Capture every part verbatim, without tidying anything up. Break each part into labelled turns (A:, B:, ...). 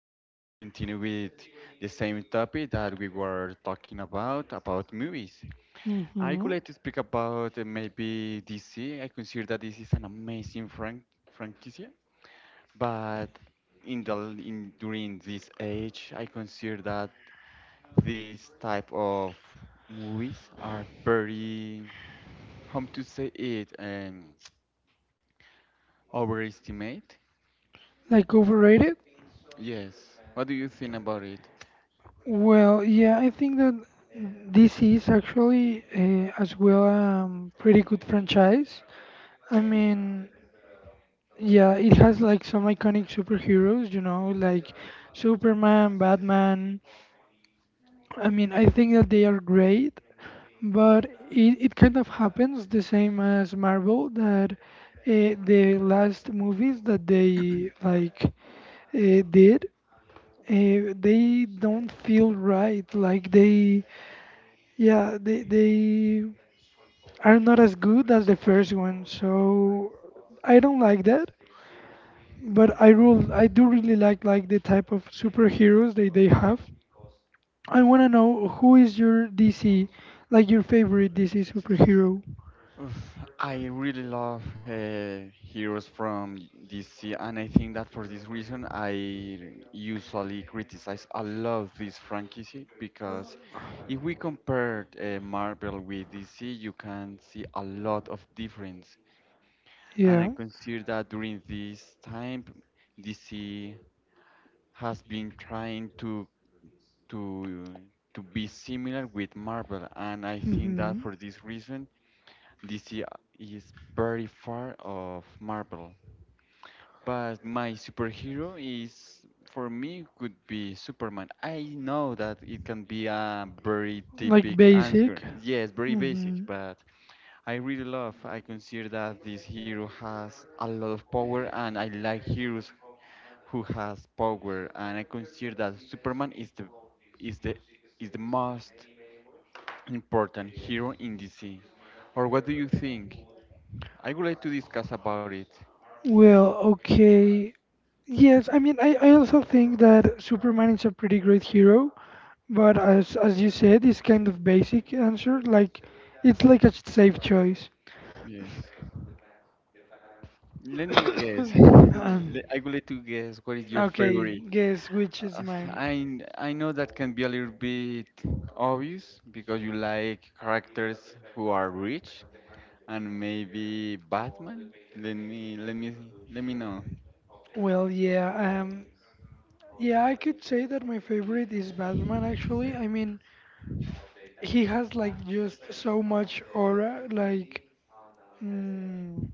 A: we are going to continue with the same topic that we were talking about, about movies. I would
B: hmm
A: like to speak about uh, maybe D C. I consider that this is an amazing frank franchise, but in the l- in during this age, I consider that these type of movies are very, how to say it, um, overestimate.
B: Like overrated?
A: Yes. What do you think about it?
B: Well, yeah, I think that this is actually uh, as well um, pretty good franchise. I mean, yeah, it has like some iconic superheroes, you know, like Superman, Batman. I mean, I think that they are great. But it, it kind of happens the same as Marvel that uh, the last movies that they like uh, did, uh, they don't feel right. Like they, yeah, they they are not as good as the first one. So I don't like that. But I rule, I do really like like the type of superheroes they they have. I wanna know who is your D C, like your favorite D C superhero.
A: Oof, I really love uh, heroes from D C, and I think that for this reason, I usually criticize a lot of this franchise because if we compare uh, Marvel with D C, you can see a lot of difference. And I
B: Yeah.
A: consider that during this time, D C has been trying to to to be similar with Marvel, and I think that
B: hmm
A: for this reason, D C is very far of Marvel, but my superhero is for me could be Superman. I know that it can be a very
B: Like
A: typical
B: basic.
A: answer. Yes, very basic,
B: hmm
A: but I really love. I consider that this hero has a lot of power, and I like heroes who has power, and I consider that Superman is the is the is the most important hero in D C. Or what do you think? I would like to discuss about it.
B: Well, okay. Yes, I mean, I, I also think that Superman is a pretty great hero, but as as you said, it's kind of basic answer. Like, it's like a safe choice.
A: Yes. Let me guess.
B: Um,
A: Le- I would like to guess what is your
B: okay,
A: favorite.
B: guess which is
A: Uh,
B: mine.
A: I I know that can be a little bit obvious because you like characters who are rich and maybe Batman. Let me let me let me know.
B: Well, yeah, um, yeah, I could say that my favorite is Batman actually. I mean, he has like just so much aura, like, mm,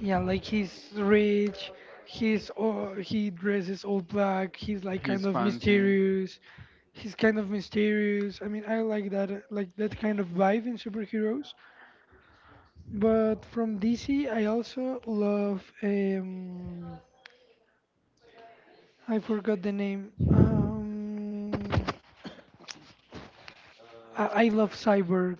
B: yeah, like he's rich, he's all, he dresses all black, he's like kind
A: He's
B: of
A: fancy.
B: mysterious. He's kind of mysterious. I mean, I like that uh, like that kind of vibe in superheroes. But from D C, I also love um I forgot the name. Um I, I love Cyborg.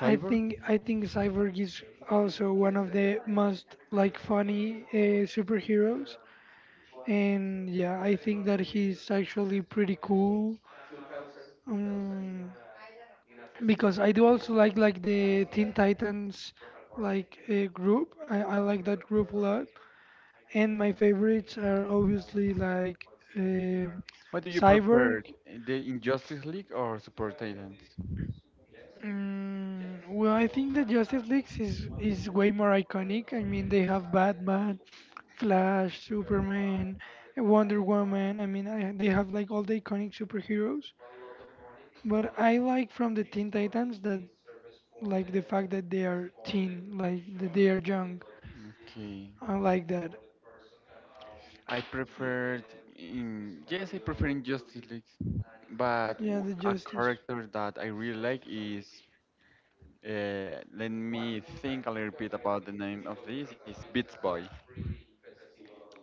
B: I think I think Cyborg is also one of the most like funny uh, superheroes and yeah, I think that he's actually pretty cool. Um, because I do also like like the Teen Titans like uh, group. I, I like that group a lot. And my favorites are obviously like uh,
A: What do you prefer,
B: Cyborg.
A: the Injustice League or Super Titans?
B: Mm, well, I think the Justice League is is way more iconic. I mean, they have Batman, Flash, Superman, Wonder Woman. I mean, I, they have like all the iconic superheroes. But I like from the Teen Titans that like the fact that they are teen, like that they are young.
A: Okay.
B: I like that.
A: I preferred in yes, I prefer in Justice League, but
B: Yeah,
A: w-
B: the
A: a
B: justice.
A: character that I really like is uh, let me think a little bit about the name of this is Beats Boy.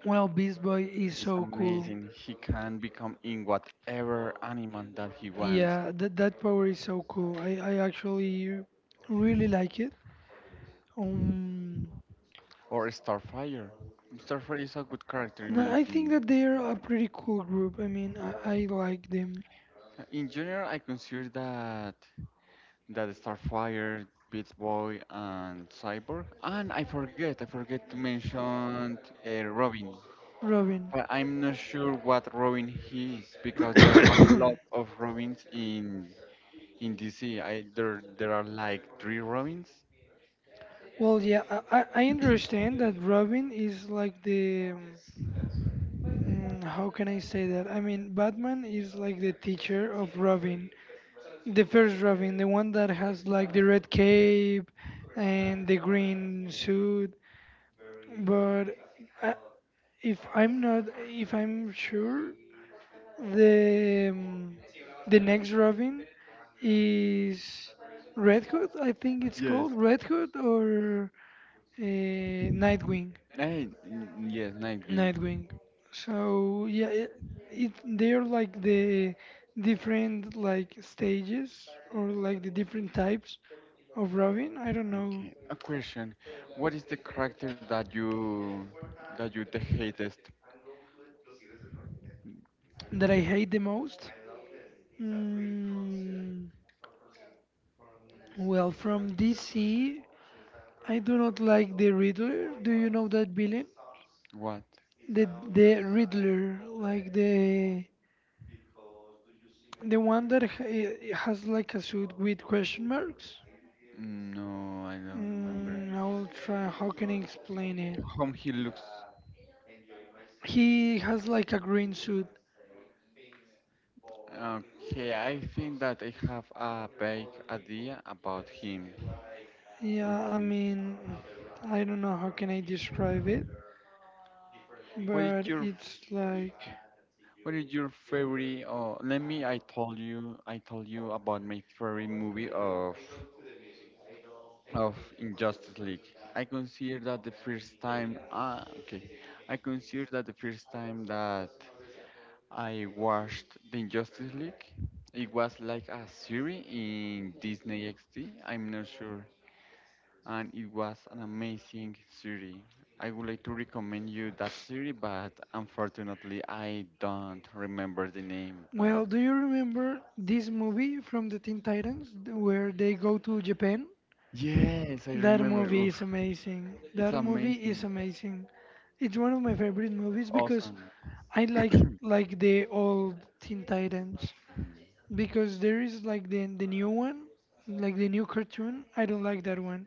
B: Well, Beast Boy is
A: He's
B: so cool.
A: amazing. He can become in whatever animal that he wants.
B: Yeah, that that power is so cool. I I actually really like it. Um,
A: Or Starfire. Starfire is a good character in my
B: no, I think
A: opinion.
B: that they are a pretty cool group. I mean, I, I like them.
A: In general, I consider that. That Starfire, Beast Boy, and Cyborg. And I forget, I forget to mention uh, Robin.
B: Robin.
A: But I'm not sure what Robin he is because there are a lot of Robins in in D C. there there are like three Robins.
B: Well, yeah, I I I understand that Robin is like the um, mm, how can I say that? I mean, Batman is like the teacher of Robin, the first Robin, the one that has like the red cape and the green suit. But I, if I'm not, if I'm sure, the um, the next Robin is Red Hood. I think it's called
A: Yes.
B: Red Hood or uh, Nightwing.
A: Night, n- yes, Nightwing.
B: Nightwing. So yeah, it, it they're like the different like stages or like the different types of Robin. I don't know
A: Okay. A question: What is the character that you that you the hatest?
B: that I hate the most. Mm, well, from D C, I do not like the Riddler. Do you know that villain?
A: What?
B: The the Riddler, like the the one that ha- eh, has like a suit with question marks.
A: Mm, no, I don't remember.
B: Mm, I will try. How can I explain it?
A: How he looks.
B: He has like a green suit.
A: Okay, I think that I have a vague idea about him.
B: Yeah, I
A: Okay.
B: mean, I don't know how can I describe it,
A: What is
B: but
A: your f-
B: it's like,
A: what is your favorite oh let me I told you I told you about my favorite movie of of Injustice League. I consider that the first time ah okay. I consider that the first time that I watched the Injustice League. It was like a series in Disney X D. I'm not sure and it was an amazing city. I would like to recommend you that city, but unfortunately, I don't remember the name. But
B: well, do you remember this movie from the Teen Titans where they go to Japan?
A: yes, I
B: That
A: remember.
B: movie
A: Oof,
B: is amazing.
A: it's
B: That movie is
A: amazing.
B: amazing. It's one of my favorite
A: It's
B: movies because
A: awesome.
B: I like like the old Teen Titans because there is like the the new one, like the new cartoon. I don't like that one.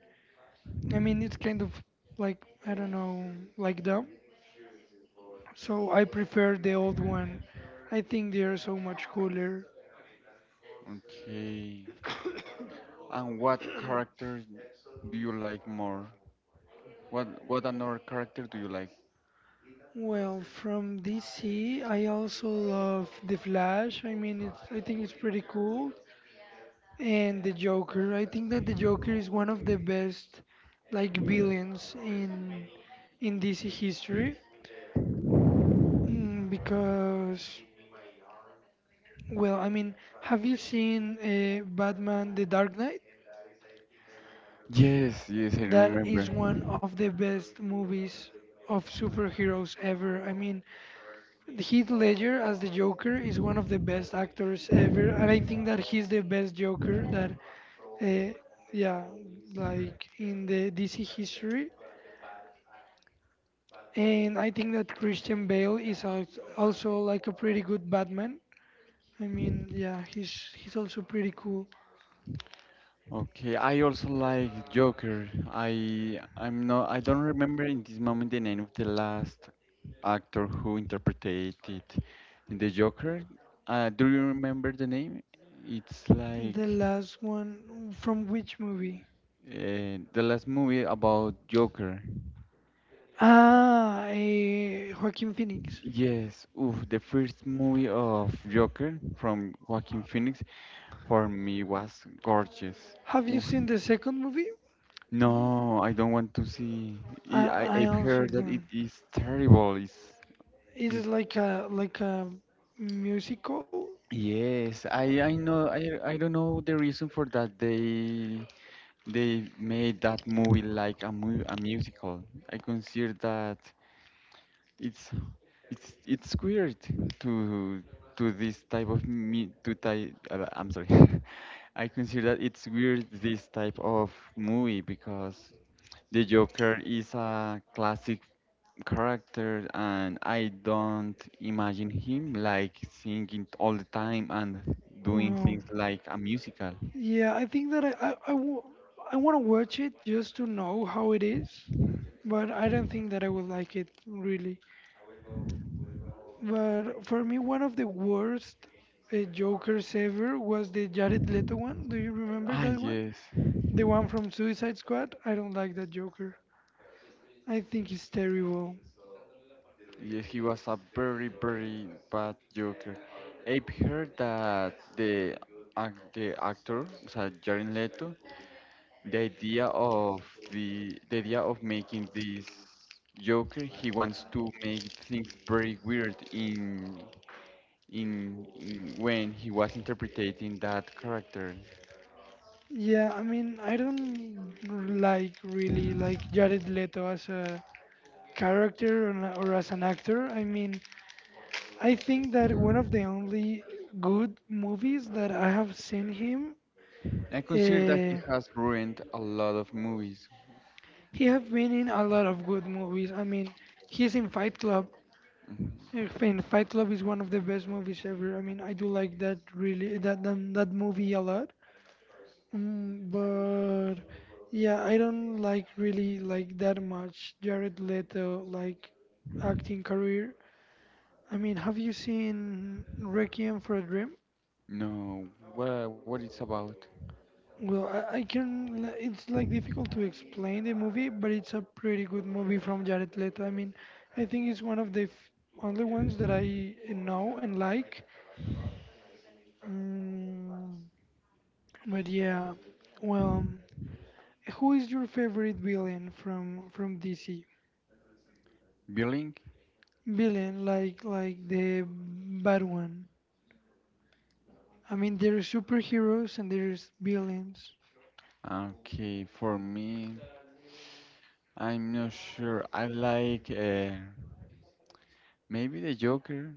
B: I mean, it's kind of like, I don't know, like dumb. So I prefer the old one. I think they are so much cooler.
A: Okay. And what characters do you like more? What what another character do you like?
B: Well, from D C, I also love The Flash. I mean, it's I think it's pretty cool. And the Joker. I think that the Joker is one of the best like villains in in D C history mm, because well, I mean, have you seen uh, Batman: The Dark Knight?
A: Yes, yes, I
B: That
A: remember.
B: is one of the best movies of superheroes ever. I mean, Heath Ledger as the Joker is one of the best actors ever, and I think that he's the best Joker that, uh, yeah, like in the D C history. And I think that Christian Bale is al- also like a pretty good Batman. I mean, yeah, he's he's also pretty cool.
A: Okay, I also like Joker. I I'm not I don't remember in this moment the name of the last actor who interpreted it in the Joker. Uh, do you remember the name? It's like
B: The last one from which movie?
A: uh, the last movie about Joker.
B: Ah, eh, Joaquin Phoenix.
A: Yes, oof, the first movie of Joker from Joaquin Phoenix for me was gorgeous.
B: Have you
A: Oof.
B: seen the second movie?
A: No, I don't want to see. I, I-
B: I I
A: I've
B: also
A: heard that it
B: don't.
A: is terrible. It's
B: It is
A: this.
B: like a like a musical.
A: Yes, I I know. I I don't know the reason for that. They They made that movie like a mu a musical. I consider that it's it's it's weird to to this type of me to type. Uh, I'm sorry. I consider that it's weird this type of movie because the Joker is a classic character and I don't imagine him like singing all the time and doing
B: Well,
A: things like a musical.
B: yeah, I think that I I, I, w I want to watch it just to know how it is, but I don't think that I will like it really. But for me, one of the worst uh, Jokers ever was the Jared Leto one. Do you remember
A: Ah
B: that one?
A: yes.
B: The one from Suicide Squad? I don't like that Joker. I think he's terrible.
A: Yeah, he was a very, very bad Joker. I've heard that the ac the actor, so Jared Leto, the idea of the the idea of making this Joker, he wants to make things very weird in in, in when he was interpreting that character.
B: Yeah, I mean, I don't like really like Jared Leto as a character or, na- or as an actor. I mean, I think that one of the only good movies that I have seen him,
A: I consider that he
B: uh,
A: has ruined a lot of movies.
B: he have been in a lot of good movies. I mean, he's in Fight Club.
A: Mhm.
B: Uh, In Fight Club is one of the best movies ever. I mean, I do like that really that that, that movie a lot. Mm, but yeah, I don't like really like that much Jared Leto like acting career. I mean, have you seen Requiem for a Dream?
A: No, what what it's about?
B: Well, I, I can. li- It's like difficult to explain the movie, but it's a pretty good movie from Jared Leto. I mean, I think it's one of the f only ones that I know and like. Mm, but yeah, well, who is your favorite villain from from D C?
A: Billing?
B: Villain, like like the bad one. I mean, there's superheroes and there's villains.
A: Okay, for me. I'm not sure. I like uh, maybe the Joker.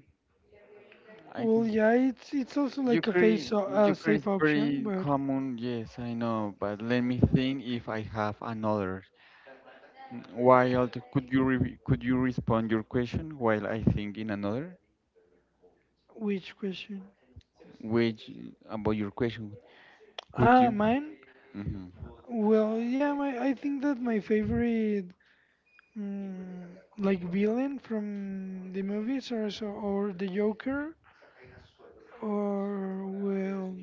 A: I
B: Well,
A: can-
B: yeah, it's it's also like a
A: Joker
B: face
A: i-
B: o- a
A: Joker
B: safe
A: is
B: option,
A: pretty
B: but
A: common. Yes, I know, but let me think if I have another. Mm, While t- could you re could you respond your question while I think in another?
B: which question?
A: Which about your question? Could
B: Ah,
A: you?
B: mine.
A: Hmm.
B: Well, yeah, my I think that my favorite mm, like villain from the movies are so or the Joker or well,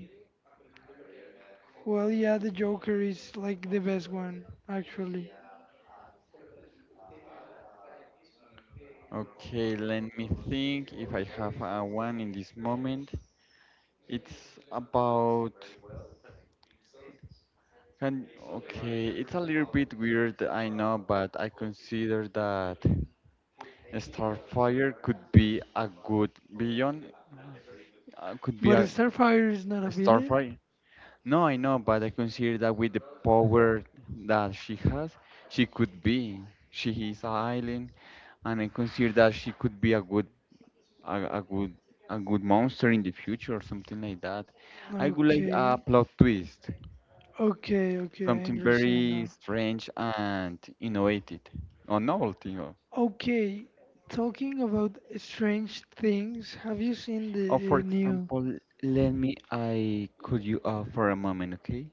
B: well, yeah, the Joker is like the best one actually.
A: Okay, let me think if I have uh, one in this moment. It's about. Can, okay, it's a little bit weird, I know, but I consider that Starfire could be a good beyond, uh, could be
B: But
A: a
B: Starfire is not a villain.
A: Starfire. No, I know, but I consider that with the power that she has, she could be. She is a island, and I consider that she could be a good, a, a good, a good monster in the future or something like that. I would like
B: Okay,
A: a plot twist.
B: okay, okay, I
A: Something
B: understand
A: very
B: now.
A: strange and innovative or novelty. Or,
B: Okay, talking about strange things, have you seen
A: or for
B: the uh, new
A: example, let me I could you uh, for a moment, okay?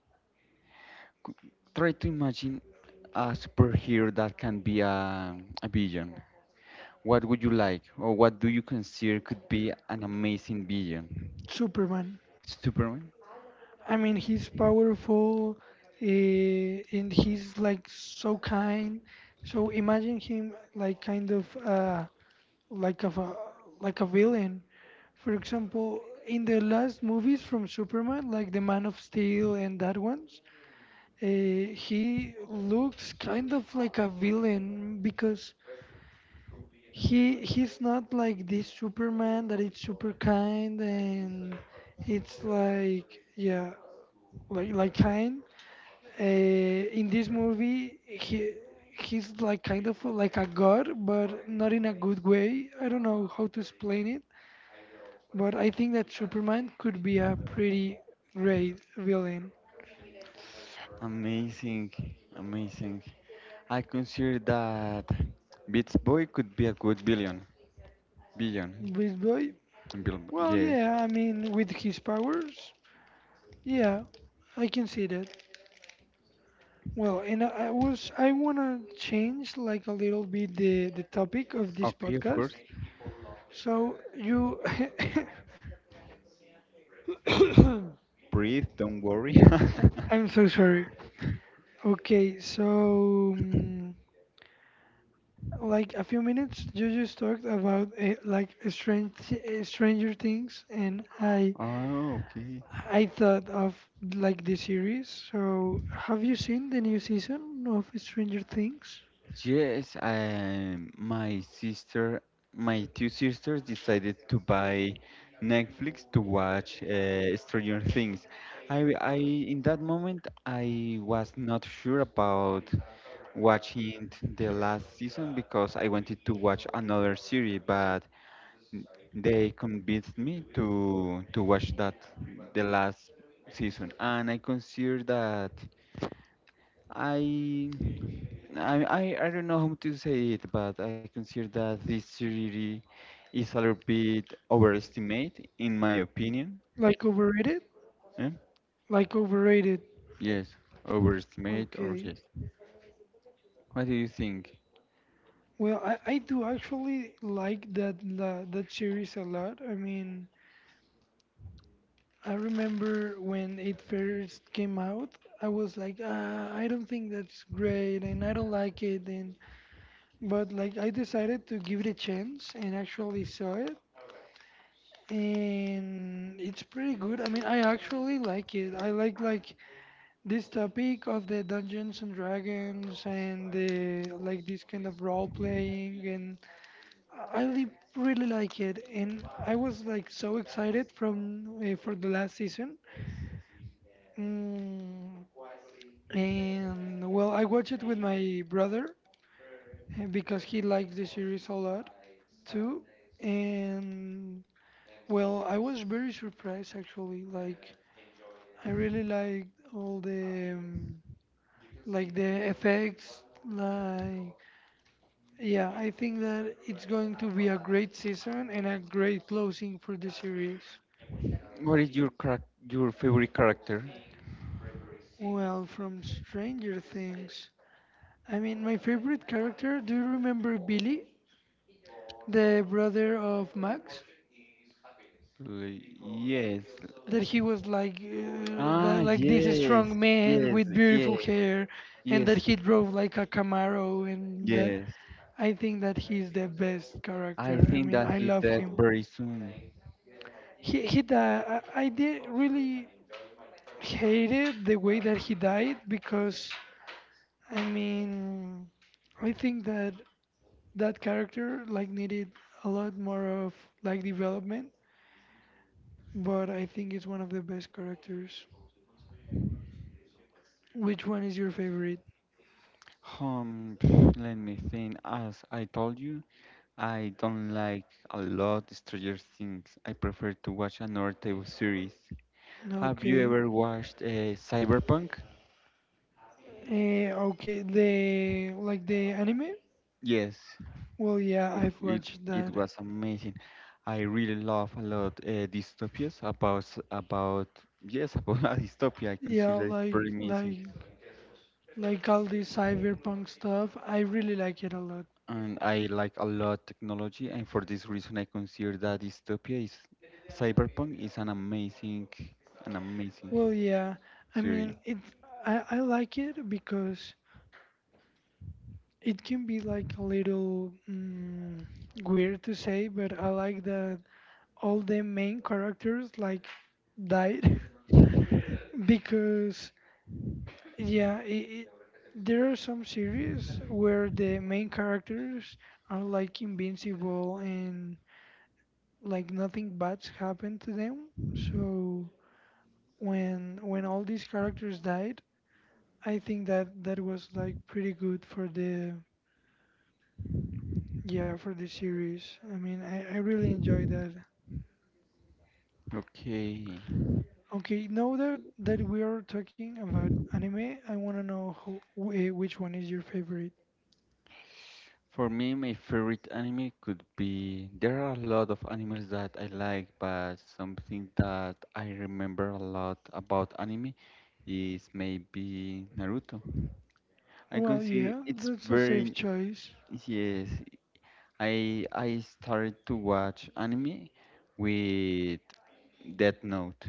A: Cou- Try to imagine a superhero that can be a, a villain. What would you like, or what do you consider could be an amazing villain?
B: Superman?
A: Superman?
B: I mean, he's powerful, uh, and he's like so kind. So imagine him like kind of uh, like of a like a villain. For example, in the last movies from Superman, like the Man of Steel and that ones, Uh, he looks kind of like a villain because he he's not like this Superman that is super kind and it's like yeah like like kind. Uh, in this movie he he's like kind of like a god but not in a good way. I don't know how to explain it, but I think that Superman could be a pretty great villain.
A: Amazing, amazing. I consider that Beats Boy could be a good billion. Billion.
B: Beast Boy.
A: Bill,
B: Well,
A: yes.
B: yeah, I mean with his powers. Yeah, I can see that. Well, and I I was I wanna change like a little bit the the topic of this
A: Okay, of
B: podcast.
A: course.
B: So you,
A: Breathe, don't worry.
B: I'm so sorry. Okay, so um, like a few minutes you just talked about uh, like strange uh, Stranger Things, and I
A: Oh, okay.
B: I thought of like the series. So have you seen the new season of Stranger Things?
A: Yes, um, my sister, my two sisters decided to buy Netflix to watch uh, Stranger Things. I, I, in that moment, I was not sure about watching the last season because I wanted to watch another series, but they convinced me to to watch that the last season, and I consider that. I, I, I I don't know how to say it, but I consider that this theory is a little bit overestimate, in my opinion.
B: Like overrated?
A: Eh?
B: Like overrated.
A: Yes, overestimate or
B: Okay.
A: yes. What do you think?
B: Well, I, I do actually like that la, that series a lot. I mean, I remember when it first came out, I was like, ah, I don't think that's great, and I don't like it, and but like I decided to give it a chance and actually saw it, and it's pretty good. I mean, I actually like it. I like like this topic of the Dungeons and Dragons and the like this kind of role playing and I really really like it, and I was like so excited from uh, for the last season. Mm, and well, I watched it with my brother uh, because he likes the series a lot too. And well, I was very surprised actually. Like I really liked all the um, like the effects. Like yeah, I think that it's going to be a great season and a great closing for the series.
A: What is your charac- your favorite character?
B: Well, from Stranger Things, I mean, my favorite character, do you remember Billy, the brother of Max?
A: Like, yes.
B: That he was like, uh, that,
A: Ah,
B: like this
A: yes,
B: strong man
A: yes,
B: with beautiful
A: yes,
B: hair, and that
A: yes,
B: he drove like a Camaro, and that,
A: yes.
B: I think that he's the best
A: I
B: character. I
A: think
B: mean,
A: that
B: I
A: he
B: love
A: died
B: him.
A: very soon.
B: He he died. I, I did really hated the way that he died because I mean I think that that character like needed a lot more of like development, but I think it's one of the best characters. Which one is your favorite?
A: Um, let me think. As I told you, I don't like a lot Stranger Things. I prefer to watch another type of series. Have you
B: Okay.
A: ever watched uh, Cyberpunk?
B: Eh, okay, the like the anime?
A: Yes,
B: Well, yeah,
A: oof,
B: I've
A: it
B: watched
A: it
B: that.
A: was amazing. I really love a lot uh, dystopias about s- about yes about a dystopia. I
B: Yeah,
A: consider that it's
B: like
A: pretty amazing.
B: like like all this cyberpunk stuff. I really like it a lot.
A: And I like a lot technology, and for this reason, I consider that Dystopia is Cyberpunk is an amazing, an amazing
B: Well, yeah. I
A: series.
B: mean, it I I like it because it can be like a little mm, weird to say, but I like that all the main characters like died because yeah, it, it, there are some series where the main characters are like invincible and like nothing bad's happened to them. So when when all these characters died, I think that that was like pretty good for the, yeah, for the series. I mean, I, I really enjoy that.
A: Okay,
B: Okay, now that that we are talking about anime, I want to know who, wh- eh, which one is your favorite.
A: for me, my favorite anime could be there are a lot of animals that I like, but something that I remember a lot about anime is maybe Naruto. I
B: Well,
A: consider
B: yeah,
A: it's
B: that's a safe
A: very
B: choice.
A: yes. I I started to watch anime with Death Note.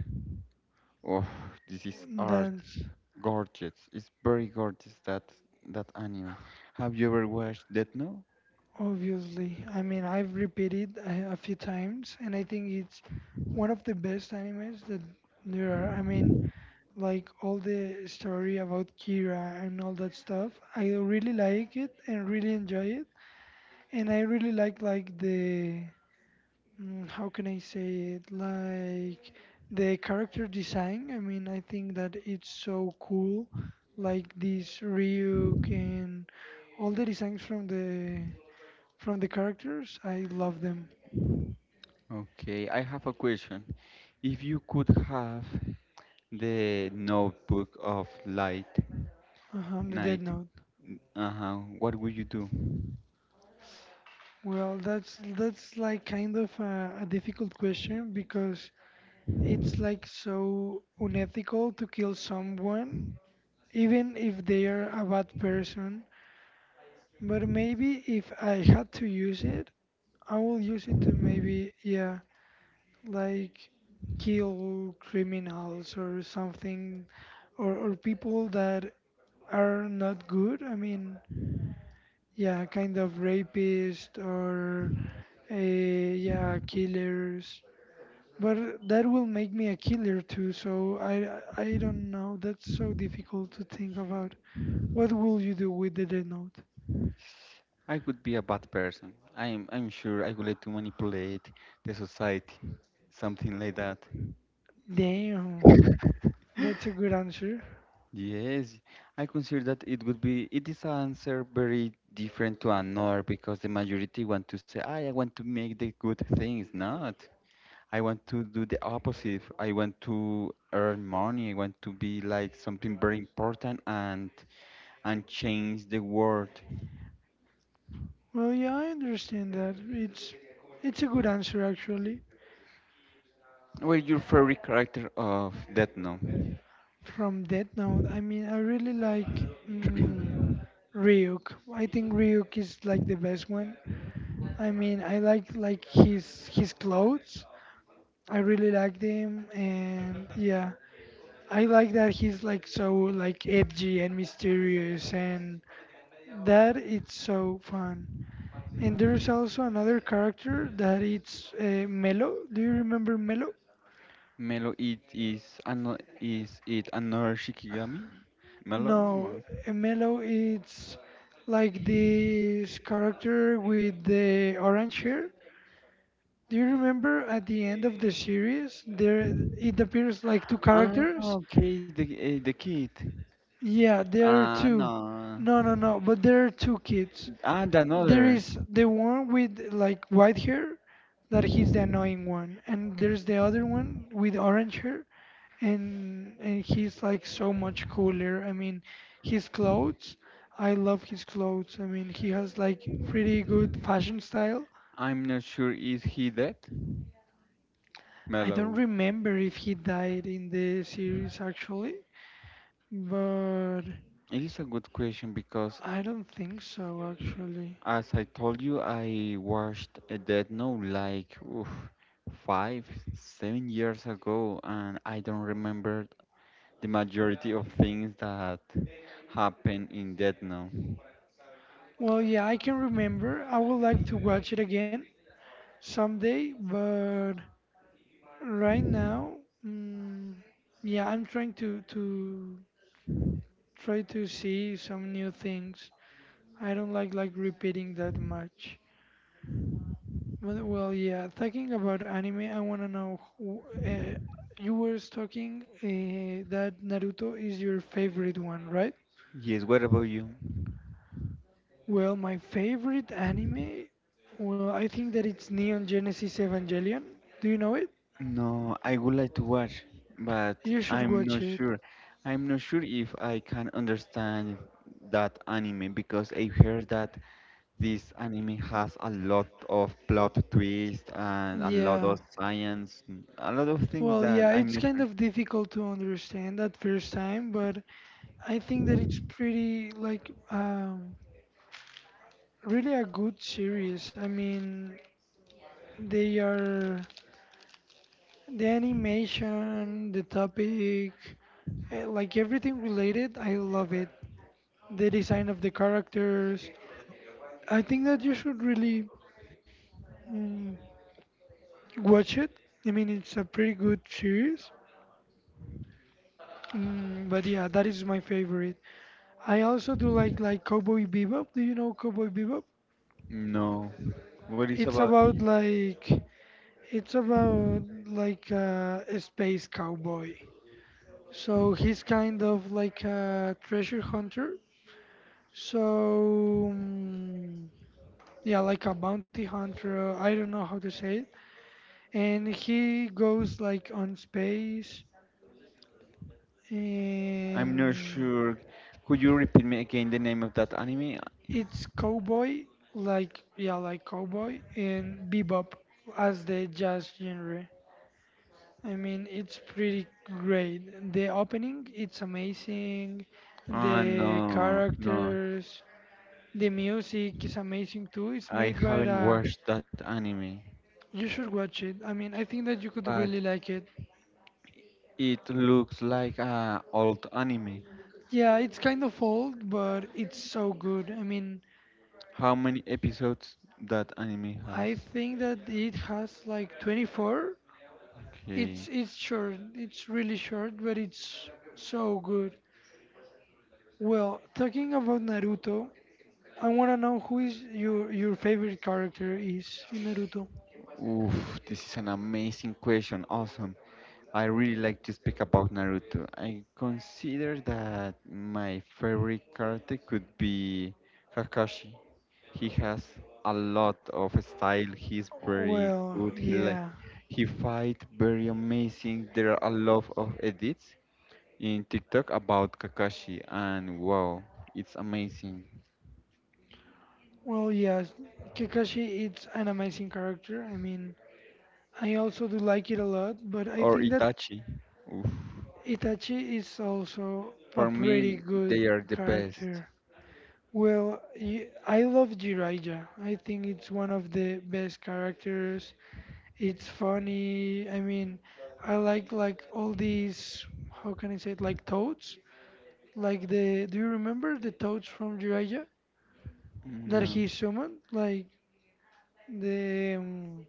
A: Oh, this is art.
B: That's
A: Gorgeous. It's very gorgeous that that anime. Have you ever watched Death Note?
B: obviously. I mean, I've repeated a, a few times, and I think it's one of the best animes that there are. I mean, like all the story about Kira and all that stuff. I really like it and really enjoy it, and I really like like the mm, how can I say it? Like the character design. I mean, I think that it's so cool. Like this Ryuk and all the designs from the from the characters. I love them.
A: Okay, I have a question. If you could have the notebook of light
B: Uh-huh, the Dead
A: night,
B: Note.
A: uh-huh, what would you do?
B: Well, that's that's like kind of a, a difficult question because it's like so unethical to kill someone, even if they are a bad person. But maybe if I had to use it, I will use it to maybe, yeah, like kill criminals or something, or, or people that are not good. I mean, yeah, kind of rapist or, uh, yeah, killers. But that will make me a killer too, so I, I don't know. That's so difficult to think about. What will you do with the Death Note?
A: I would be a bad person. I'm I'm sure I would like to manipulate the society, something like that.
B: Damn, that's a good answer.
A: Yes, I consider that it would be, it is an answer very different to another because the majority want to say, I, I want to make the good things, not. I want to do the opposite. I want to earn money. I want to be like something very important and and change the world.
B: Well, yeah, I understand that. It's it's a good answer actually.
A: Well, your favorite character of Death Note?
B: From Death Note, I mean, I really like mm, Ryuk. I think Ryuk is like the best one. I mean, I like like his his clothes. I really like them, and yeah, I like that he's like so like edgy and mysterious, and that it's so fun. And there's also another character that it's uh, Melo. Do you remember Melo?
A: Melo, it is ano is it another Shikigami? Melo?
B: No,
A: No.
B: Melo is like this character with the orange hair. Do you remember at the end of the series? There it appears like two
A: Ah,
B: characters.
A: okay, the eh, the kid.
B: Yeah, there are
A: Uh,
B: two.
A: no.
B: No, no, no, but there are two kids.
A: And
B: There
A: another,
B: is the one with like white hair that he's the annoying one, and there's the other one with orange hair and and he's like so much cooler. I mean, his clothes, I love his clothes. I mean, he has like pretty good fashion style.
A: I'm not sure is he dead?
B: I don't
A: Mellow.
B: remember if he died in the series actually, but
A: It's a good question because,
B: I don't think so actually.
A: as I told you, I watched a Death Note like oof, five, seven years ago, and I don't remember the majority of things that happened in Death Note.
B: Well, yeah, I can remember. I would like to watch it again someday, but right now, mm, yeah, I'm trying to to try to see some new things. I don't like like repeating that much. But well, yeah. Talking about anime, I wanna know. who- Uh, you were talking uh, that Naruto is your favorite one, right?
A: Yes, what about you?
B: Well, my favorite anime. Well, I think that it's Neon Genesis Evangelion. Do you know it?
A: No, I would like to watch, but
B: You should
A: I'm
B: watch
A: not
B: it.
A: sure. I'm not sure if I can understand that anime because I heard that this anime has a lot of plot twist and a lot
B: Yeah.
A: of science, a lot of things
B: Well,
A: that
B: yeah,
A: I'm
B: it's
A: not
B: kind
A: sure.
B: of difficult to understand at first time, but I think that it's pretty like um really a good series. I mean, they are the animation, the topic, eh, like everything related. I love it. The design of the characters. I think that you should really mm, watch it. I mean, it's a pretty good series. Mm, but yeah, that is my favorite. I also do like like Cowboy Bebop. Do you know Cowboy Bebop?
A: No, what is
B: It's
A: about?
B: about like it's about like uh, a space cowboy. So he's kind of like a treasure hunter. So mm, yeah, like a bounty hunter. I don't know how to say it. And he goes like on space,
A: I'm not
B: and
A: sure. Could you repeat me again the name of that anime?
B: it's cowboy, like yeah, like cowboy and bebop as the jazz genre. I mean, it's pretty great. The opening, it's amazing.
A: Ah,
B: The
A: no, no,
B: characters, the music is amazing too. It's
A: I
B: made by
A: haven't
B: a.
A: watched that anime.
B: You should watch it. I mean, I think that you could
A: But
B: really like it.
A: it looks like a old anime.
B: Yeah, it's kind of old, but it's so good. I mean,
A: How many episodes that anime
B: I
A: has?
B: think that it has like twenty-four. It's
A: Okay.
B: it's short. It's really short, but it's so good. Well, talking about Naruto, I want to know who is your your favorite character is in Naruto.
A: Oof, this is an amazing question. Awesome. I really like to speak about Naruto. I consider that my favorite character could be Kakashi. He has a lot of style. He's very
B: Well,
A: good. He like
B: yeah.
A: he fight very amazing. There are a lot of edits in TikTok about Kakashi, and wow, it's amazing.
B: Well, yes. Kakashi is an amazing character. I mean, I also do like it a lot, but I
A: Or
B: think that
A: Itachi. Oof.
B: Itachi is also a
A: For
B: pretty
A: me,
B: good
A: they are the best.
B: character. Well, y- I love Jiraiya. I think it's one of the best characters. It's funny. I mean, I like like all these. How can I say it? Like toads. Like the. Do you remember the toads from Jiraiya that he
A: No.
B: summoned? Like the. Um,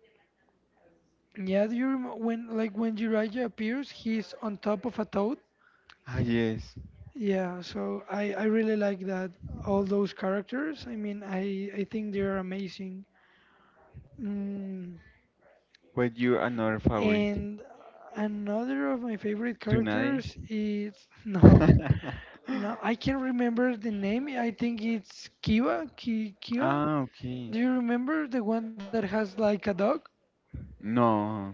B: yeah. Do you remember when like when Jiraiya appears, he's on top of a toad.
A: Ah, yes.
B: Yeah, so I, I really like that all those characters. I mean, I, I think they're amazing. Mm,
A: What your another favorite?
B: and another of my favorite
A: Tsunade?
B: characters is no, no, I can't remember the name. I think it's Kiva. Ki, Kiva.
A: ah, okay.
B: Do you remember the one that has like a dog?
A: No,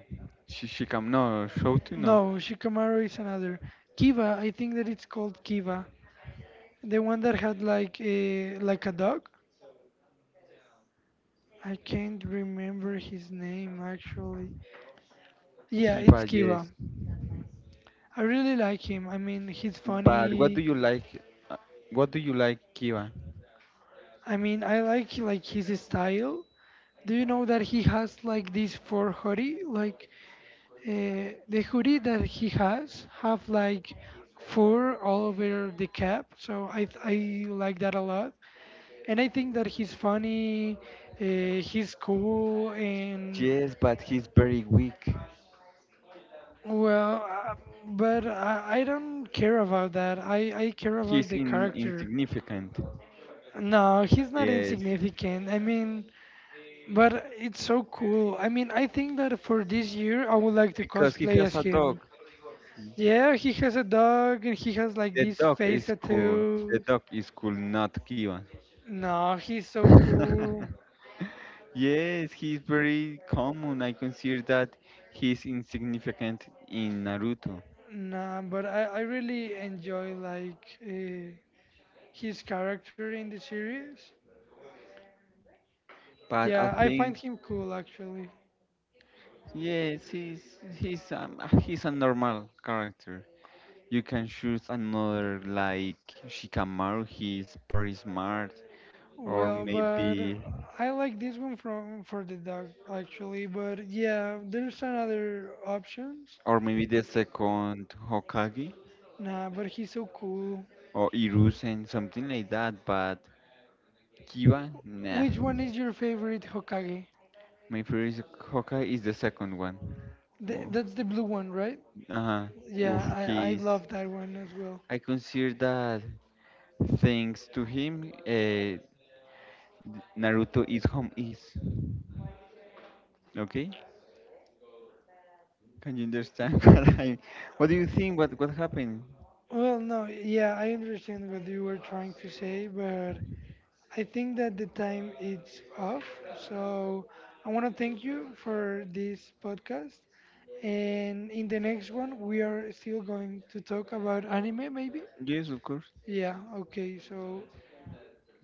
A: Shishikam, no, Shouto, no.
B: No, Shikamaru is another. Kiva. I think that it's called Kiva. The one that had like a like a dog. I can't remember his name actually. Yeah,
A: Kiba,
B: it's
A: yes.
B: Kiba. I really like him. I mean, he's
A: But what do you
B: funny.
A: like? uh, What do you like, Kiba?
B: I mean, I like like his style. Do you know that he has like this four hoodie? Like uh, the hoodie that he has have like fur all over the cap. So I I like that a lot. And I think that he's funny. Uh, he's cool and
A: Yes, but he's very weak.
B: well, uh, but I, I don't care about that. I I care about
A: He's
B: the
A: in
B: character.
A: insignificant.
B: No, he's not
A: Yes.
B: insignificant. I mean, but it's so cool. I mean, I think that for this year, I would like to
A: Because he
B: cosplay
A: has
B: as
A: a dog.
B: him. Yeah, he has a dog and he has like
A: The
B: these
A: dog
B: face
A: is cool. The
B: tattoos.
A: dog is cool, not Kivan.
B: No, he's so cool.
A: Yes, he's very common. I consider that he's insignificant in Naruto.
B: Nah, but I, I really enjoy like uh, his character in the series.
A: But I
B: Yeah, I find
A: think
B: him cool actually.
A: yes, he's he's um, uh, he's a normal character. You can choose another like Shikamaru. He's very smart, or
B: Well, but
A: maybe
B: I like this one from for the dog actually. But yeah, there's another options.
A: or maybe the second Hokage
B: Nah, but he's so cool.
A: or Hiruzen, something like that. But Kiba? Nah.
B: Which one is your favorite Hokage?
A: My favorite Hawkeye is the second one.
B: Th
A: Ooh.
B: that's the blue one, right?
A: Uh-huh.
B: Yeah,
A: Oof,
B: I I
A: he's.
B: love that one as well.
A: I consider that thanks to him, uh, Naruto is home is. Okay? Can you understand what I? What do you think? What what happened?
B: Well, no, yeah, I understand what you were trying to say, but I think that the time is off. So I want to thank you for this podcast. And in the next one, we are still going to talk about anime, maybe?
A: Yes, of course.
B: Yeah, okay, so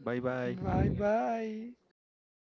A: Bye
B: bye
A: bye.
B: bye.